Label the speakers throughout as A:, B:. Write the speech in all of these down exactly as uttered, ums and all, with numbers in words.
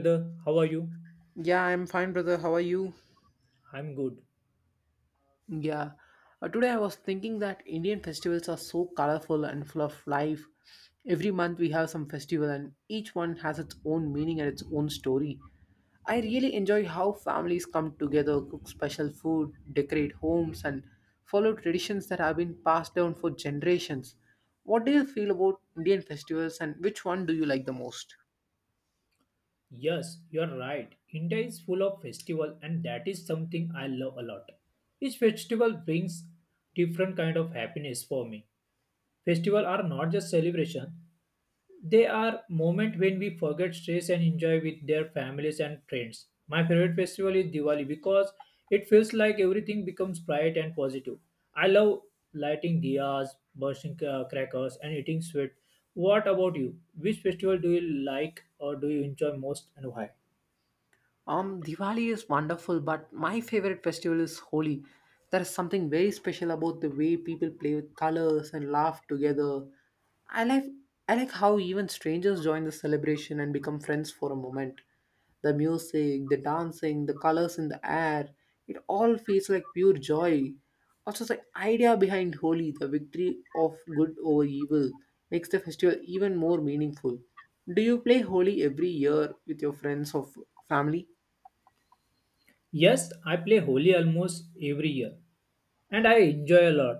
A: Brother, how are you?
B: Yeah, I'm fine, brother. How are you?
A: I'm good.
B: Yeah. Uh, today I was thinking that Indian festivals are so colorful and full of life. Every month we have some festival and each one has its own meaning and its own story. I really enjoy how families come together, cook special food, decorate homes and follow traditions that have been passed down for generations. What do you feel about Indian festivals and which one do you like the most?
A: Yes, you're right. India is full of festival and that is something I love a lot. Each festival brings different kind of happiness for me. Festival are not just celebration, they are moments when we forget stress and enjoy with their families and friends. My favorite festival is Diwali because it feels like everything becomes bright and positive. I love lighting diyas, bursting uh, crackers, and eating sweet. What about you? Which festival do you like or do you enjoy most and why?
B: Um, Diwali is wonderful, but my favorite festival is Holi. There is something very special about the way people play with colors and laugh together. I like I like how even strangers join the celebration and become friends for a moment. The music, the dancing, the colors in the air, it all feels like pure joy. Also, the idea behind Holi, the victory of good over evil, makes the festival even more meaningful. Do you play Holi every year with your friends or f- family?
A: Yes, I play Holi almost every year and I enjoy a lot.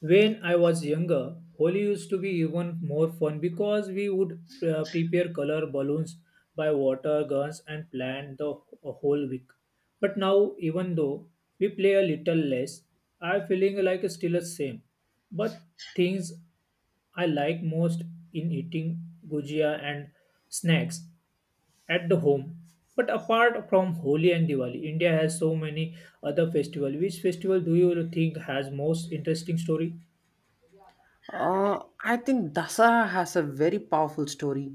A: When I was younger, Holi used to be even more fun because we would uh, prepare color balloons, buy water guns, and plan the wh- whole week. But now, even though we play a little less, I'm feeling like it's still the same. But things I like most in eating gujia and snacks at the home. But apart from Holi and Diwali, India has so many other festivals. Which festival do you think has most interesting story?
B: Uh, I think Dasara has a very powerful story.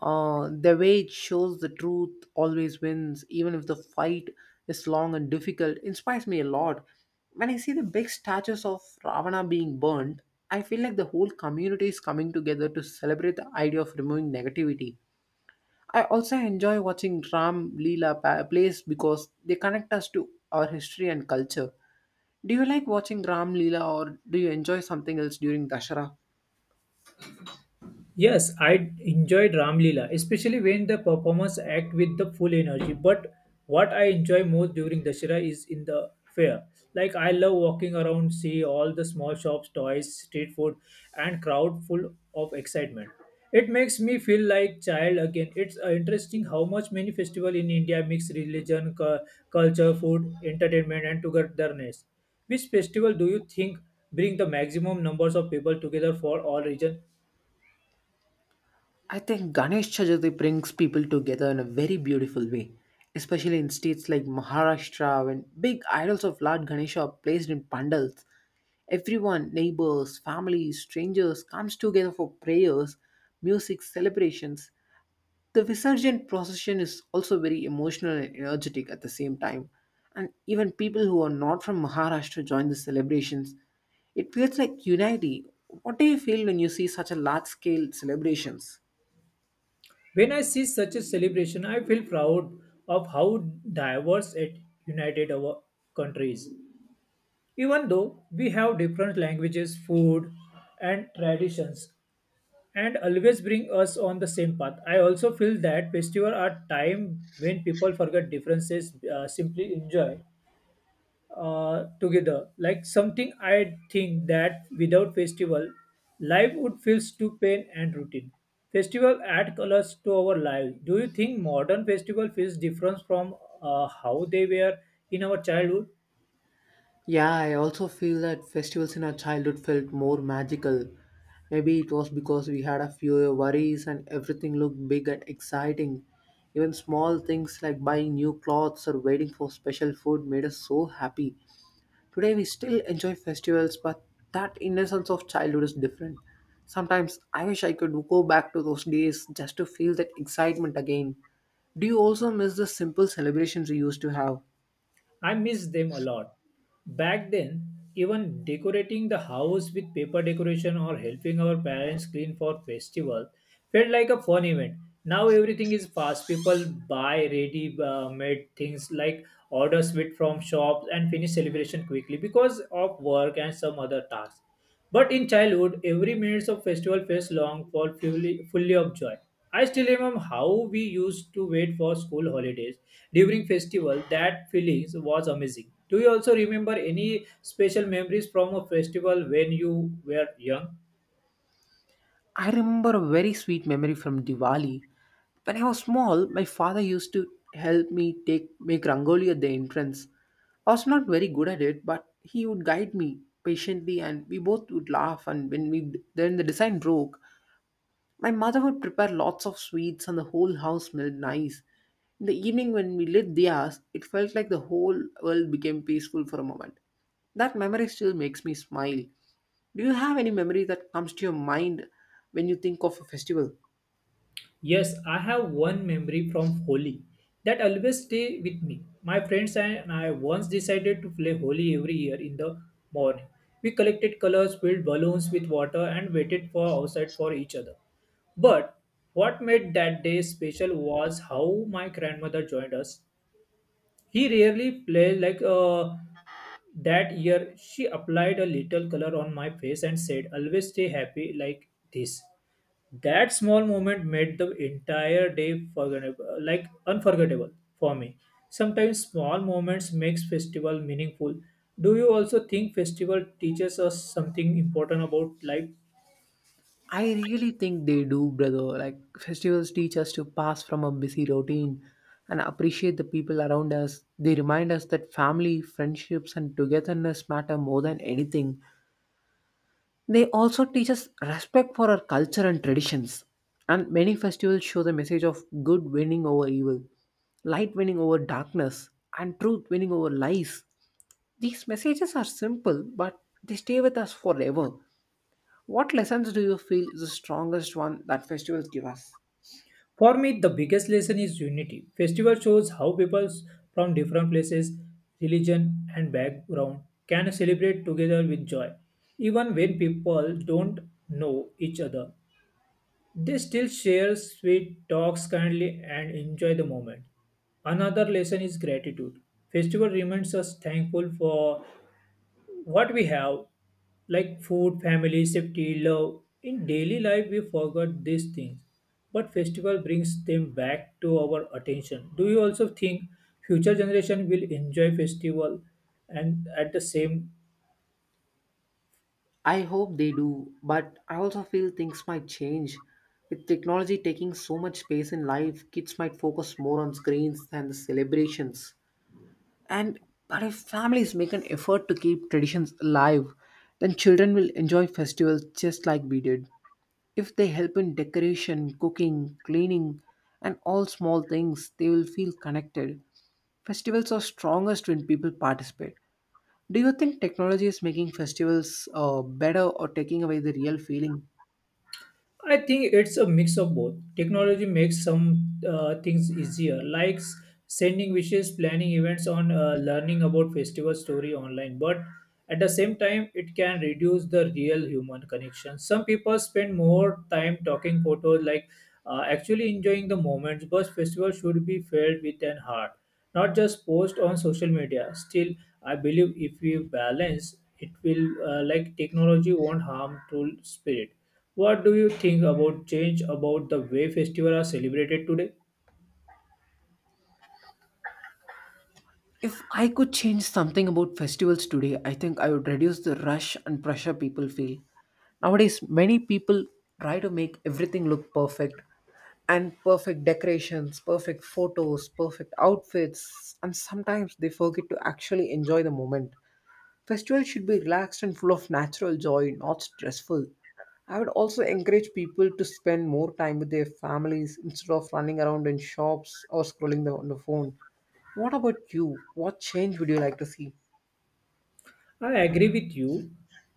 B: Uh, the way it shows the truth always wins, even if the fight is long and difficult, inspires me a lot. When I see the big statues of Ravana being burnt, I feel like the whole community is coming together to celebrate the idea of removing negativity. I also enjoy watching Ram Leela pa- plays because they connect us to our history and culture. Do you like watching Ram Leela or do you enjoy something else during Dashara?
A: Yes, I enjoyed Ramlila, especially when the performers act with the full energy. But what I enjoy most during Dashera is in the fair. Like I love walking around, see all the small shops, toys, street food, and crowd full of excitement. It makes me feel like child again. It's uh, interesting how much many festival in India mix religion, cu- culture, food, entertainment, and togetherness. Which festival do you think bring the maximum numbers of people together for all region?
B: I think Ganesh Chaturthi brings people together in a very beautiful way, especially in states like Maharashtra when big idols of Lord Ganesha are placed in pandals. Everyone, neighbors, families, strangers comes together for prayers, music, celebrations. The Visarjan procession is also very emotional and energetic at the same time. And even people who are not from Maharashtra join the celebrations. It feels like unity. What do you feel when you see such a large scale celebrations?
A: When I see such a celebration, I feel proud of how diverse it united our countries. Even though we have different languages, food, and traditions, and always bring us on the same path, I also feel that festivals are time when people forget differences, uh, simply enjoy uh, together. Like something I think that without festival, life would feel too plain and routine. Festival add colors to our lives. Do you think modern festival feels different from uh, how they were in our childhood?
B: Yeah, I also feel that festivals in our childhood felt more magical. Maybe it was because we had a fewer worries and everything looked big and exciting. Even small things like buying new clothes or waiting for special food made us so happy. Today we still enjoy festivals, but that innocence of childhood is different. Sometimes I wish I could go back to those days just to feel that excitement again. Do you also miss the simple celebrations we used to have?
A: I miss them a lot. Back then, even decorating the house with paper decoration or helping our parents clean for festival felt like a fun event. Now everything is fast. People buy ready-made things like order sweet from shops and finish celebration quickly because of work and some other tasks. But in childhood, every minute of festival felt long for fully, fully of joy. I still remember how we used to wait for school holidays during festival. That feelings was amazing. Do you also remember any special memories from a festival when you were young?
B: I remember a very sweet memory from Diwali. When I was small, my father used to help me take make rangoli at the entrance. I was not very good at it, but he would guide me patiently, and we both would laugh. And when we then the design broke, my mother would prepare lots of sweets, and the whole house smelled nice. In the evening, when we lit diyas, it felt like the whole world became peaceful for a moment. That memory still makes me smile. Do you have any memory that comes to your mind when you think of a festival?
A: Yes, I have one memory from Holi that always stay with me. My friends and I once decided to play Holi every year in the morning. We collected colors, filled balloons with water, and waited for outside for each other. But what made that day special was how my grandmother joined us. He rarely played like uh, that year. She applied a little color on my face and said, "Always stay happy like this." That small moment made the entire day forgettable, like unforgettable for me. Sometimes small moments makes festival meaningful. Do you also think festival teaches us something important about life?
B: I really think they do, brother. Like, festivals teach us to pass from a busy routine and appreciate the people around us. They remind us that family, friendships, and togetherness matter more than anything. They also teach us respect for our culture and traditions. And many festivals show the message of good winning over evil, light winning over darkness, and truth winning over lies. These messages are simple, but they stay with us forever. What lessons do you feel is the strongest one that festivals give us?
A: For me, the biggest lesson is unity. Festival shows how people from different places, religion, and background can celebrate together with joy, even when people don't know each other. They still share sweet talks kindly and enjoy the moment. Another lesson is gratitude. Festival reminds us thankful for what we have, like food, family, safety, love. In daily life, we forget these things, but festival brings them back to our attention. Do you also think future generation will enjoy festival and at the same
B: I hope they do, but I also feel things might change. With technology taking so much space in life, kids might focus more on screens than the celebrations. And but if families make an effort to keep traditions alive, then children will enjoy festivals just like we did. If they help in decoration, cooking, cleaning, and all small things, they will feel connected. Festivals are strongest when people participate. Do you think technology is making festivals uh, better or taking away the real feeling?
A: I think it's a mix of both. Technology makes some uh, things easier, like s- sending wishes, planning events, on uh, learning about festival story online. But at the same time, it can reduce the real human connection. Some people spend more time talking photos, like uh, actually enjoying the moments. But festival should be felt with an heart, not just post on social media. Still, I believe if we balance, it will uh, like technology won't harm to spirit. What do you think about change about the way festivals are celebrated today?
B: If I could change something about festivals today, I think I would reduce the rush and pressure people feel. Nowadays, many people try to make everything look perfect and perfect decorations, perfect photos, perfect outfits, and sometimes they forget to actually enjoy the moment. Festivals should be relaxed and full of natural joy, not stressful. I would also encourage people to spend more time with their families instead of running around in shops or scrolling the, on the phone. What about you? What change would you like to see?
A: I agree with you.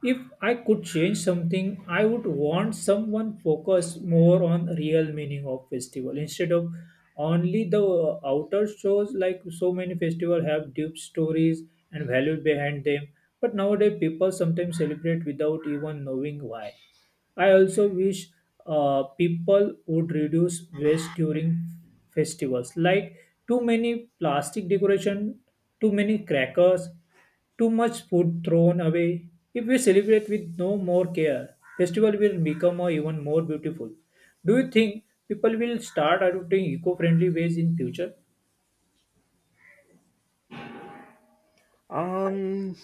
A: If I could change something, I would want someone focus more on real meaning of festival instead of only the uh, outer shows like so many festivals have deep stories and values behind them. But nowadays people sometimes celebrate without even knowing why. I also wish uh, people would reduce waste during festivals, like too many plastic decoration, too many crackers, too much food thrown away. If we celebrate with no more care, festival will become uh, even more beautiful. Do you think people will start adopting eco-friendly ways in future?
B: Um,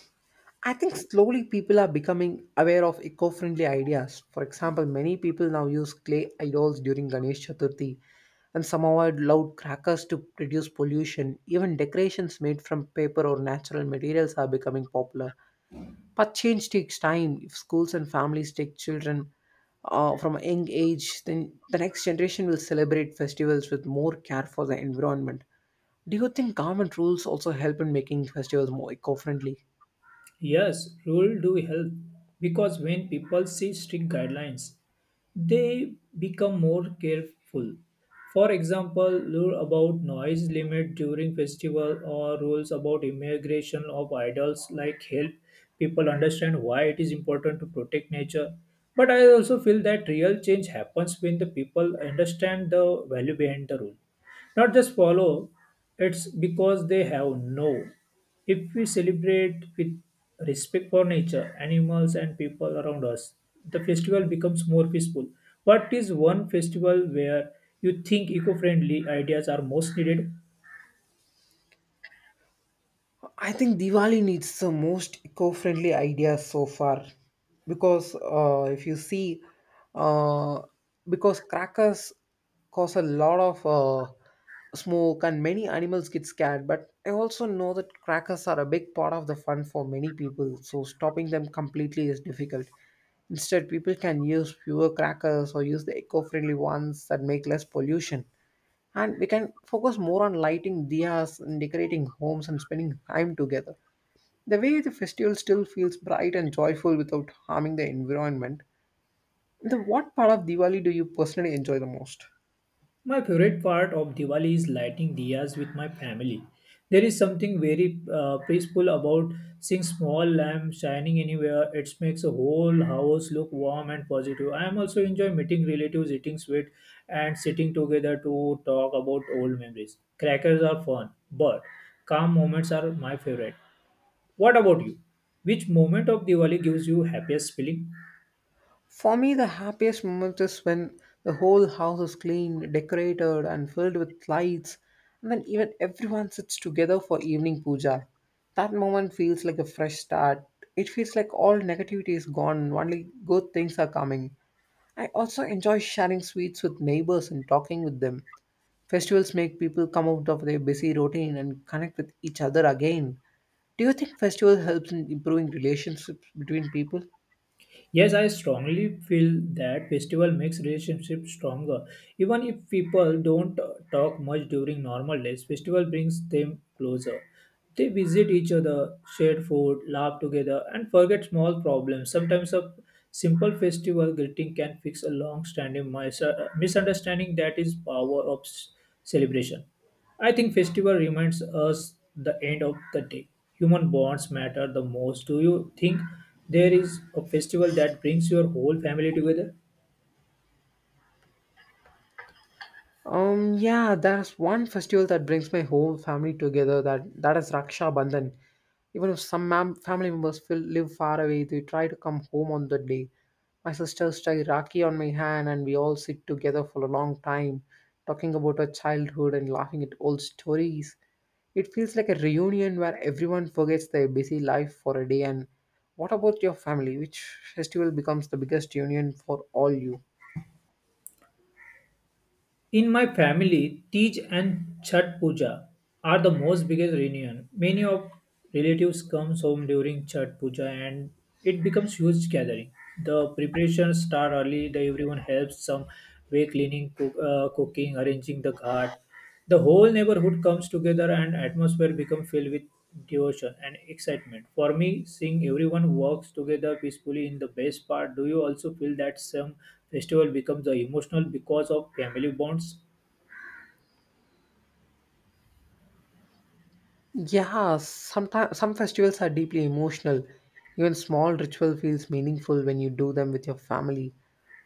B: I think slowly people are becoming aware of eco-friendly ideas. For example, many people now use clay idols during Ganesh Chaturthi and some avoid loud crackers to reduce pollution. Even decorations made from paper or natural materials are becoming popular. But change takes time. If schools and families take children uh, from a young age, then the next generation will celebrate festivals with more care for the environment. Do you think government rules also help in making festivals more eco-friendly?
A: Yes, rules do help because when people see strict guidelines, they become more careful. For example, rule about noise limit during festival or rules about immigration of idols like help people understand why it is important to protect nature. But I also feel that real change happens when the people understand the value behind the rule. Not just follow, it's because they have no. If we celebrate with respect for nature, animals, and people around us, the festival becomes more peaceful. What is one festival where you think eco friendly ideas are most needed?
B: I think Diwali needs the most eco-friendly idea so far, because uh, if you see, uh, because crackers cause a lot of uh, smoke and many animals get scared. But I also know that crackers are a big part of the fun for many people, so stopping them completely is difficult. Instead, people can use fewer crackers or use the eco-friendly ones that make less pollution and we can focus more on lighting diyas and decorating homes and spending time together. The way the festival still feels bright and joyful without harming the environment. The what part of Diwali do you personally enjoy the most?
A: My favorite part of Diwali is lighting diyas with my family. There is something very uh, peaceful about seeing small lamps shining anywhere. It makes a whole house look warm and positive. I am also enjoy meeting relatives, eating sweet, and sitting together to talk about old memories. Crackers are fun, but calm moments are my favorite. What about you? Which moment of Diwali gives you happiest feeling?
B: For me, the happiest moment is when the whole house is clean, decorated, and filled with lights, and then even everyone sits together for evening puja. That moment feels like a fresh start. It feels like all negativity is gone, and only good things are coming. I also enjoy sharing sweets with neighbors and talking with them. Festivals make people come out of their busy routine and connect with each other again. Do you think festival helps in improving relationships between people?
A: Yes, I strongly feel that festival makes relationships stronger. Even if people don't uh, talk much during normal days, festival brings them closer. They visit each other, share food, laugh together, and forget small problems. Sometimes a simple festival greeting can fix a long-standing mis- uh, misunderstanding that is power of s- celebration. I think festival reminds us the end of the day. Human bonds matter the most. Do you think there is a festival that brings your whole family together?
B: Um, yeah, there's one festival that brings my whole family together. That that is Raksha Bandhan. Even if some mam- family members feel, live far away, they try to come home on the day. My sisters tie Rakhi on my hand, and we all sit together for a long time, talking about our childhood and laughing at old stories. It feels like a reunion where everyone forgets their busy life for a day. And what about your family? Which festival becomes the biggest union for all you?
A: In my family, Tej and Chhat Puja are the most biggest reunion. Many of relatives comes home during Chhat Puja and it becomes huge gathering. The preparations start early. The everyone helps some way cleaning, cook, uh, cooking, arranging the ghat. The whole neighborhood comes together and atmosphere becomes filled with devotion and excitement. For me, seeing everyone works together peacefully in the best part, do you also feel that some festival becomes a emotional because of family bonds?
B: Yeah, sometimes some festivals are deeply emotional. Even small ritual feels meaningful when you do them with your family.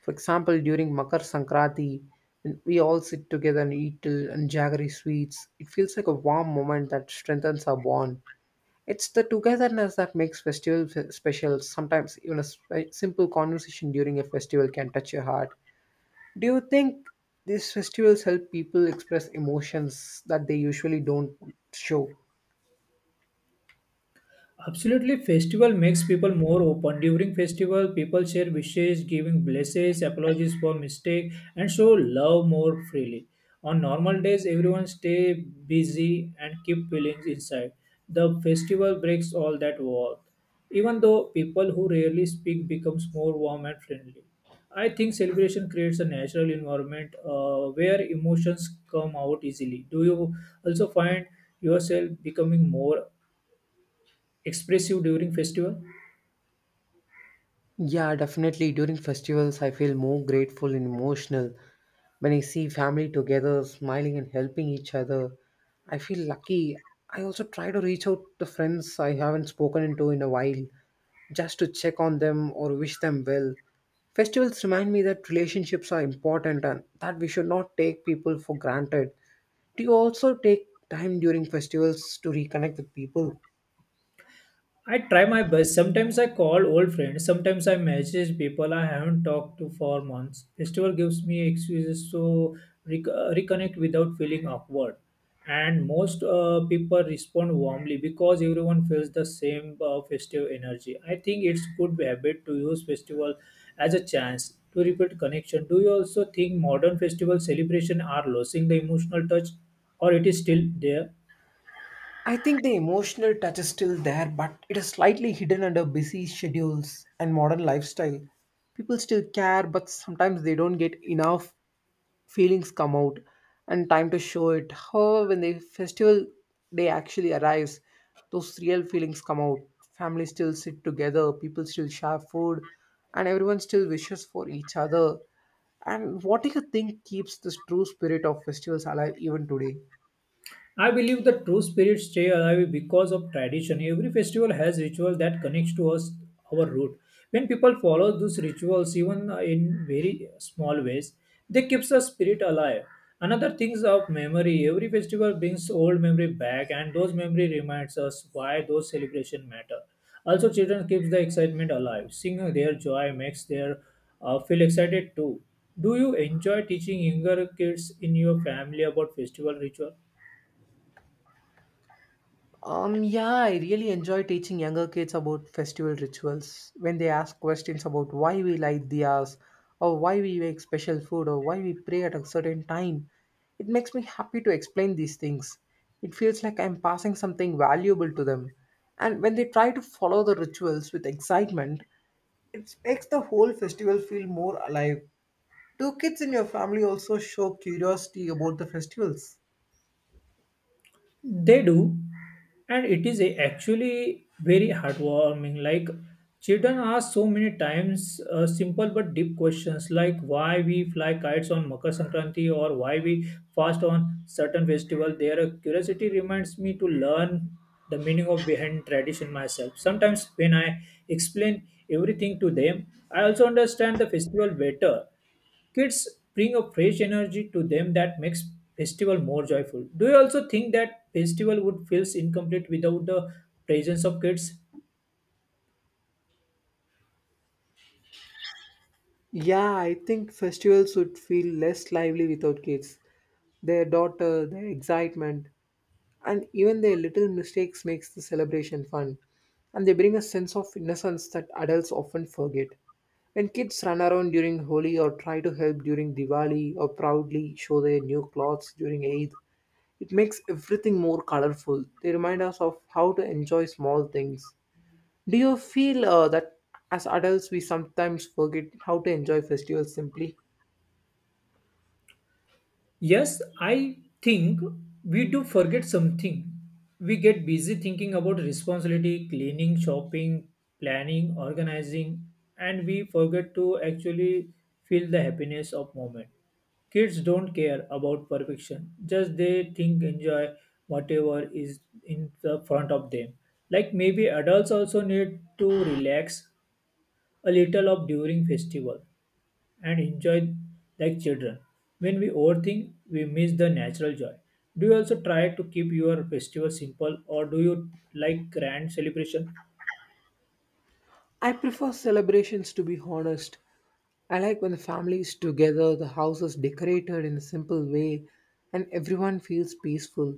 B: For example, during Makar Sankranti, when we all sit together and eat till and jaggery sweets, it feels like a warm moment that strengthens our bond. It's the togetherness that makes festival f- special. Sometimes even a sp- simple conversation during a festival can touch your heart. Do you think these festivals help people express emotions that they usually don't show?
A: Absolutely, festival makes people more open. During festival, people share wishes, giving blessings, apologies for mistake, and show love more freely. On normal days, everyone stay busy and keep feelings inside. The festival breaks all that wall. Even though people who rarely speak becomes more warm and friendly. I think celebration creates a natural environment uh, where emotions come out easily. Do you also find yourself becoming more expressive during festival?
B: Yeah, definitely. During festivals, I feel more grateful and emotional. When I see family together, smiling and helping each other, I feel lucky. I also try to reach out to friends I haven't spoken to in a while, just to check on them or wish them well. Festivals remind me that relationships are important and that we should not take people for granted. Do you also take time during festivals to reconnect with people?
A: I try my best. Sometimes I call old friends. Sometimes I message people I haven't talked to for months. Festival gives me excuses to rec- uh, reconnect without feeling awkward. And most uh, people respond warmly because everyone feels the same uh, festive energy. I think it's good habit to use festival as a chance to rebuild connection. Do you also think modern festival celebration are losing the emotional touch, or it is still there?
B: I think the emotional touch is still there, but it is slightly hidden under busy schedules and modern lifestyle. People still care, but sometimes they don't get enough feelings come out and time to show it. However, when the festival day actually arrives, those real feelings come out. Families still sit together, people still share food, and everyone still wishes for each other. And what do you think keeps this true spirit of festivals alive even today?
A: I believe the true spirit stay alive because of tradition. Every festival has ritual that connects to us, our root. When people follow those rituals, even in very small ways, they keeps the spirit alive. Another things of memory. Every festival brings old memory back, and those memory reminds us why those celebration matter. Also, children keeps the excitement alive. Seeing their joy makes their uh, feel excited too. Do you enjoy teaching younger kids in your family about festival ritual?
B: Um, yeah, I really enjoy teaching younger kids about festival rituals when they ask questions about why we light diyas or why we make special food or why we pray at a certain time. It makes me happy to explain these things. It feels like I'm passing something valuable to them. And when they try to follow the rituals with excitement, it makes the whole festival feel more alive. Do kids in your family also show curiosity about the festivals?
A: They do, and it is a actually very heartwarming. Like children ask so many times uh, simple but deep questions, like why we fly kites on Makar Sankranti or why we fast on certain festival. Their curiosity reminds me to learn the meaning of behind tradition myself. Sometimes when I explain everything to them, I also understand the festival better. Kids bring a fresh energy to them that makes festival more joyful. Do you also think that festival would feel incomplete without the presence of kids?
B: Yeah, I think festivals would feel less lively without kids. Their daughter, their excitement, and even their little mistakes makes the celebration fun. And they bring a sense of innocence that adults often forget. When kids run around during Holi or try to help during Diwali or proudly show their new clothes during Eid, it makes everything more colorful. They remind us of how to enjoy small things. Do you feel uh, that as adults we sometimes forget how to enjoy festivals simply?
A: Yes, I think we do forget something. We get busy thinking about responsibility, cleaning, shopping, planning, organizing, and we forget to actually feel the happiness of moment. Kids don't care about perfection. Just they think enjoy whatever is in the front of them. Like maybe adults also need to relax a little of during festival and enjoy like children. When we overthink, we miss the natural joy. Do you also try to keep your festival simple or do you like grand celebration?
B: I prefer celebrations to be honest. I like when the family is together, the house is decorated in a simple way, and everyone feels peaceful.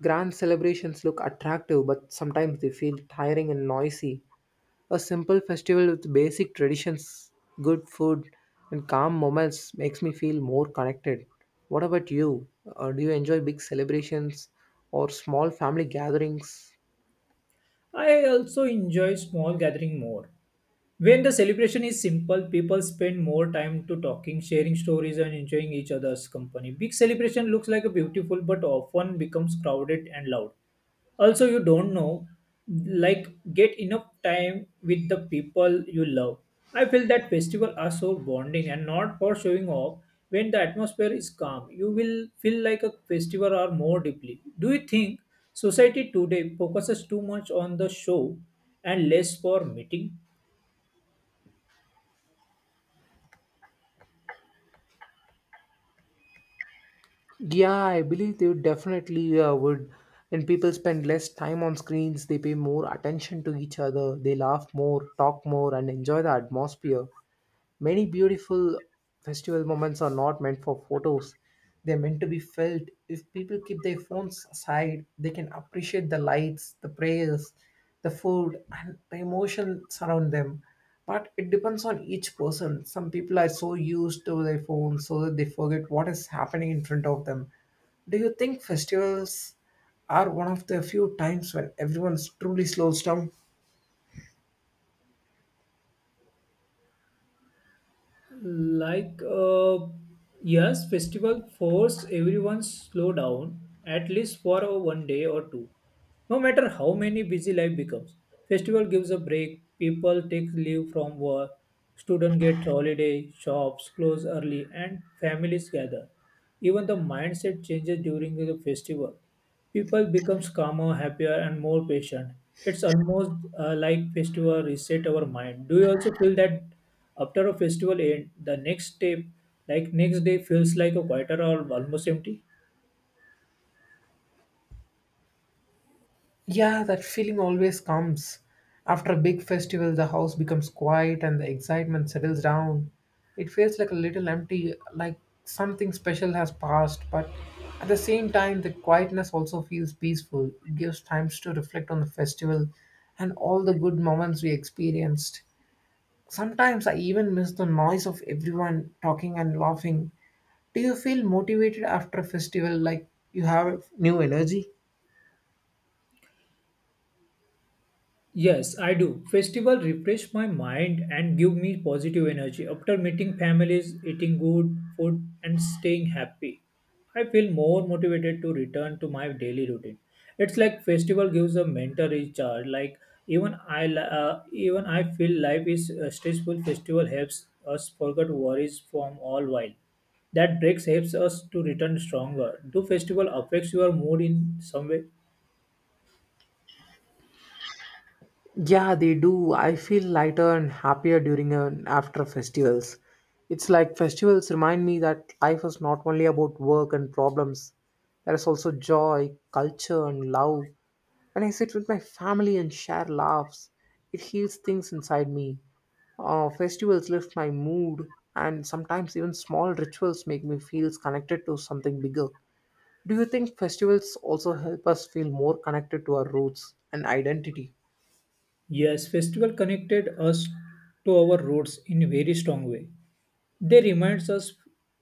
B: Grand celebrations look attractive, but sometimes they feel tiring and noisy. A simple festival with basic traditions, good food, and calm moments makes me feel more connected. What about you? Uh, do you enjoy big celebrations or small family gatherings?
A: I also enjoy small gathering more. When the celebration is simple, people spend more time to talking, sharing stories, and enjoying each other's company. Big celebration looks like a beautiful, but often becomes crowded and loud. Also, you don't know, like, get enough time with the people you love. I feel that festivals are so bonding and not for showing off. When the atmosphere is calm, you will feel like a festival or more deeply. Do you think society today focuses too much on the show and less for meeting?
B: Yeah, I believe they would definitely uh, would. When people spend less time on screens, they pay more attention to each other, they laugh more, talk more, and enjoy the atmosphere. Many beautiful festival moments are not meant for photos. They're meant to be felt. If people keep their phones aside, they can appreciate the lights, the prayers, the food, and the emotion surround them. But it depends on each person. Some people are so used to their phones so that they forget what is happening in front of them. Do you think festivals are one of the few times when everyone truly slows down?
A: Like, uh, yes, festival force everyone slow down at least for a one day or two. No matter how many busy life becomes, festival gives a break. People take leave from work, student get holiday, shops close early, and families gather. Even the mindset changes during the festival. People becomes calmer, happier, and more patient. It's almost uh, like festival reset our mind. Do you also feel that after a festival end, the next step, like next day, feels like a quieter or almost empty?
B: Yeah, that feeling always comes. After a big festival, the house becomes quiet and the excitement settles down. It feels like a little empty, like something special has passed, but at the same time, the quietness also feels peaceful. It gives time to reflect on the festival and all the good moments we experienced. Sometimes I even miss the noise of everyone talking and laughing. Do you feel motivated after a festival, like you have new energy?
A: Yes, I do. Festival refresh my mind and give me positive energy. After meeting families, eating good food and staying happy, I feel more motivated to return to my daily routine. It's like festival gives a mental recharge. Like even I li- uh, even I feel life is uh, stressful. Festival helps us forget worries from all while. That breaks helps us to return stronger. Do festival affects your mood in some way?
B: Yeah, they do. I feel lighter and happier during and after festivals. It's like festivals remind me that life is not only about work and problems. There is also joy, culture, and love. When I sit with my family and share laughs, it heals things inside me. Uh, festivals lift my mood, and sometimes even small rituals make me feel connected to something bigger. Do you think festivals also help us feel more connected to our roots and identity?
A: Yes, festival connected us to our roots in a very strong way. They reminds us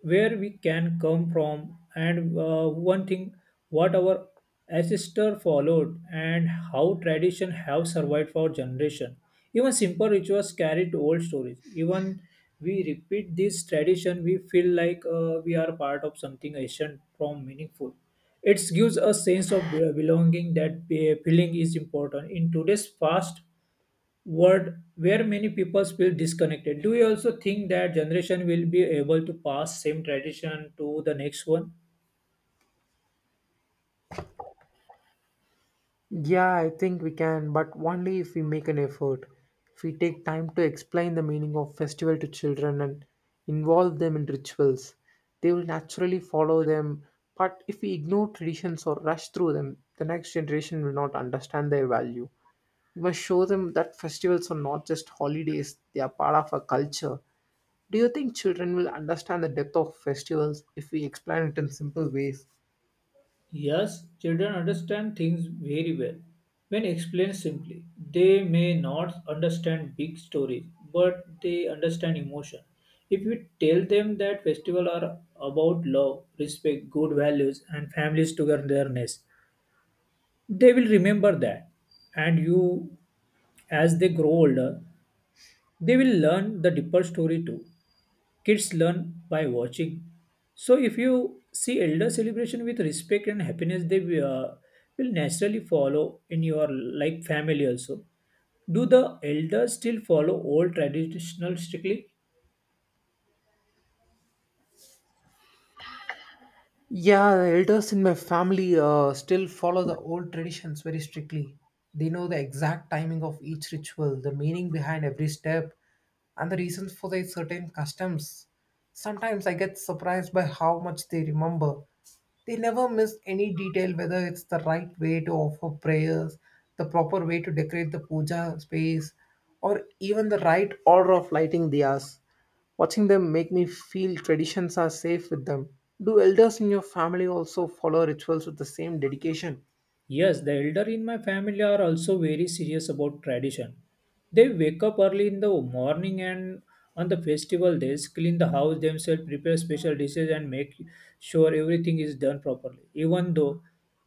A: where we can come from and uh, one thing what our ancestor followed and how tradition have survived for generation. Even simple rituals carry to old stories. Even we repeat this tradition, we feel like uh, we are part of something ancient from meaningful. It gives a sense of be- belonging that be- feeling is important in today's fast world where many people feel disconnected. Do you also think that generation will be able to pass same tradition to the next one?
B: Yeah, I think we can, but only if we make an effort. If we take time to explain the meaning of festival to children and involve them in rituals, they will naturally follow them. But if we ignore traditions or rush through them, the next generation will not understand their value. We must show them that festivals are not just holidays, they are part of our culture. Do you think children will understand the depth of festivals if we explain it in simple ways?
A: Yes, children understand things very well when explained simply. They may not understand big stories, but they understand emotion. If we tell them that festivals are about love, respect, good values, and families togetherness, they will remember that. And you, as they grow older, they will learn the deeper story too. Kids learn by watching. So if you see elder celebration with respect and happiness, they uh, will naturally follow in your like family also. Do the elders still follow old traditional strictly?
B: Yeah, the elders in my family uh, still follow the old traditions very strictly. They know the exact timing of each ritual, the meaning behind every step, and the reasons for their certain customs. Sometimes I get surprised by how much they remember. They never miss any detail, whether it's the right way to offer prayers, the proper way to decorate the puja space, or even the right order of lighting diyas. Watching them make me feel traditions are safe with them. Do elders in your family also follow rituals with the same dedication?
A: Yes, the elder in my family are also very serious about tradition. They wake up early in the morning and on the festival days clean the house themselves, prepare special dishes and make sure everything is done properly. Even though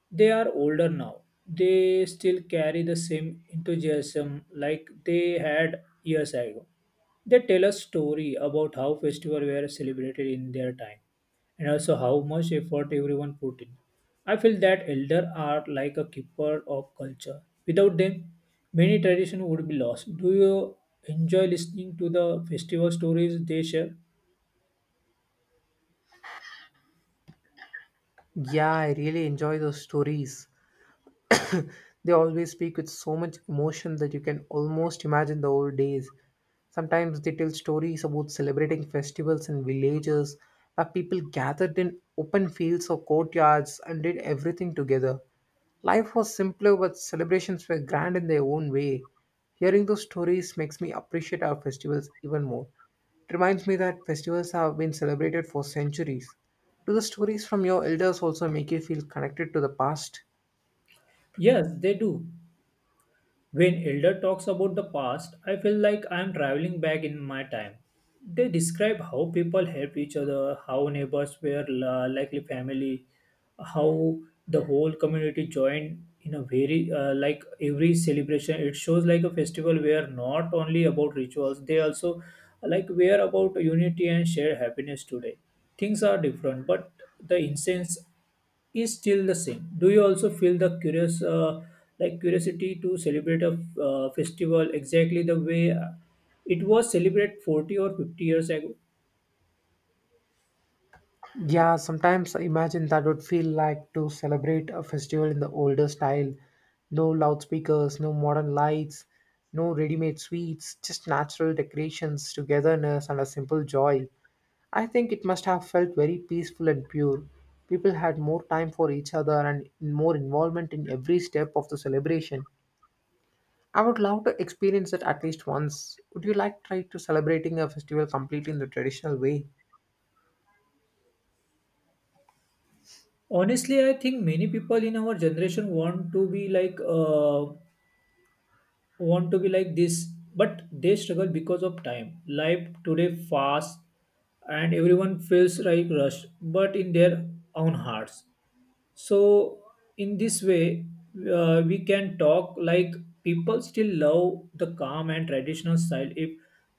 A: they are older now, they still carry the same enthusiasm like they had years ago. They tell us story about how festivals were celebrated in their time and also how much effort everyone put in. I feel that elders are like a keeper of culture. Without them, many tradition would be lost. Do you enjoy listening to the festival stories they share?
B: Yeah, I really enjoy those stories. They always speak with so much emotion that you can almost imagine the old days. Sometimes they tell stories about celebrating festivals in villages where people gathered in open fields or courtyards and did everything together. Life was simpler, but celebrations were grand in their own way. Hearing those stories makes me appreciate our festivals even more. It reminds me that festivals have been celebrated for centuries. Do the stories from your elders also make you feel connected to the past?
A: Yes, they do. When Elder talks about the past, I feel like I am traveling back in my time. They describe how people help each other, how neighbors were la- likely family, how the whole community joined in a very uh, like every celebration. It shows like a festival where not only about rituals, they also like were about unity and shared happiness today. Things are different, but the incense is still the same. Do you also feel the curious, uh, like curiosity to celebrate a uh, festival exactly the way uh, it was celebrated forty or fifty years ago?
B: Yeah, sometimes I imagine that would feel like to celebrate a festival in the older style. No loudspeakers, no modern lights, no ready made sweets, just natural decorations, togetherness, and a simple joy. I think it must have felt very peaceful and pure. People had more time for each other and more involvement in every step of the celebration. I would love to experience it at least once. Would you like try to celebrating a festival completely in the traditional way?
A: Honestly, I think many people in our generation want to be like uh, want to be like this, but they struggle because of time. Life today fast, and everyone feels like rushed, but in their own hearts. So, in this way, uh, we can talk like people still love the calm and traditional style if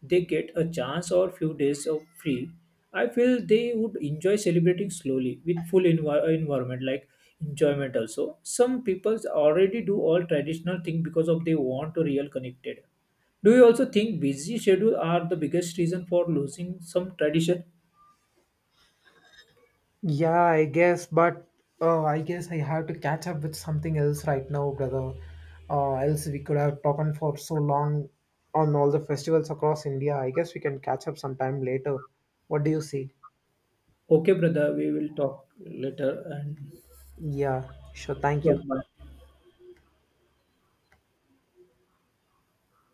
A: they get a chance or few days of free. I feel they would enjoy celebrating slowly with full envi- environment, like enjoyment also. Some people already do all traditional thing because of they want to real connected. Do you also think busy schedule are the biggest reason for losing some tradition?
B: Yeah, I guess, but uh, I guess I have to catch up with something else right now, brother. Uh, else we could have talked on for so long on all the festivals across India. I guess we can catch up sometime later. What do you say?
A: Okay, brother, we will talk later
B: Yeah, sure. Thank you.
A: and.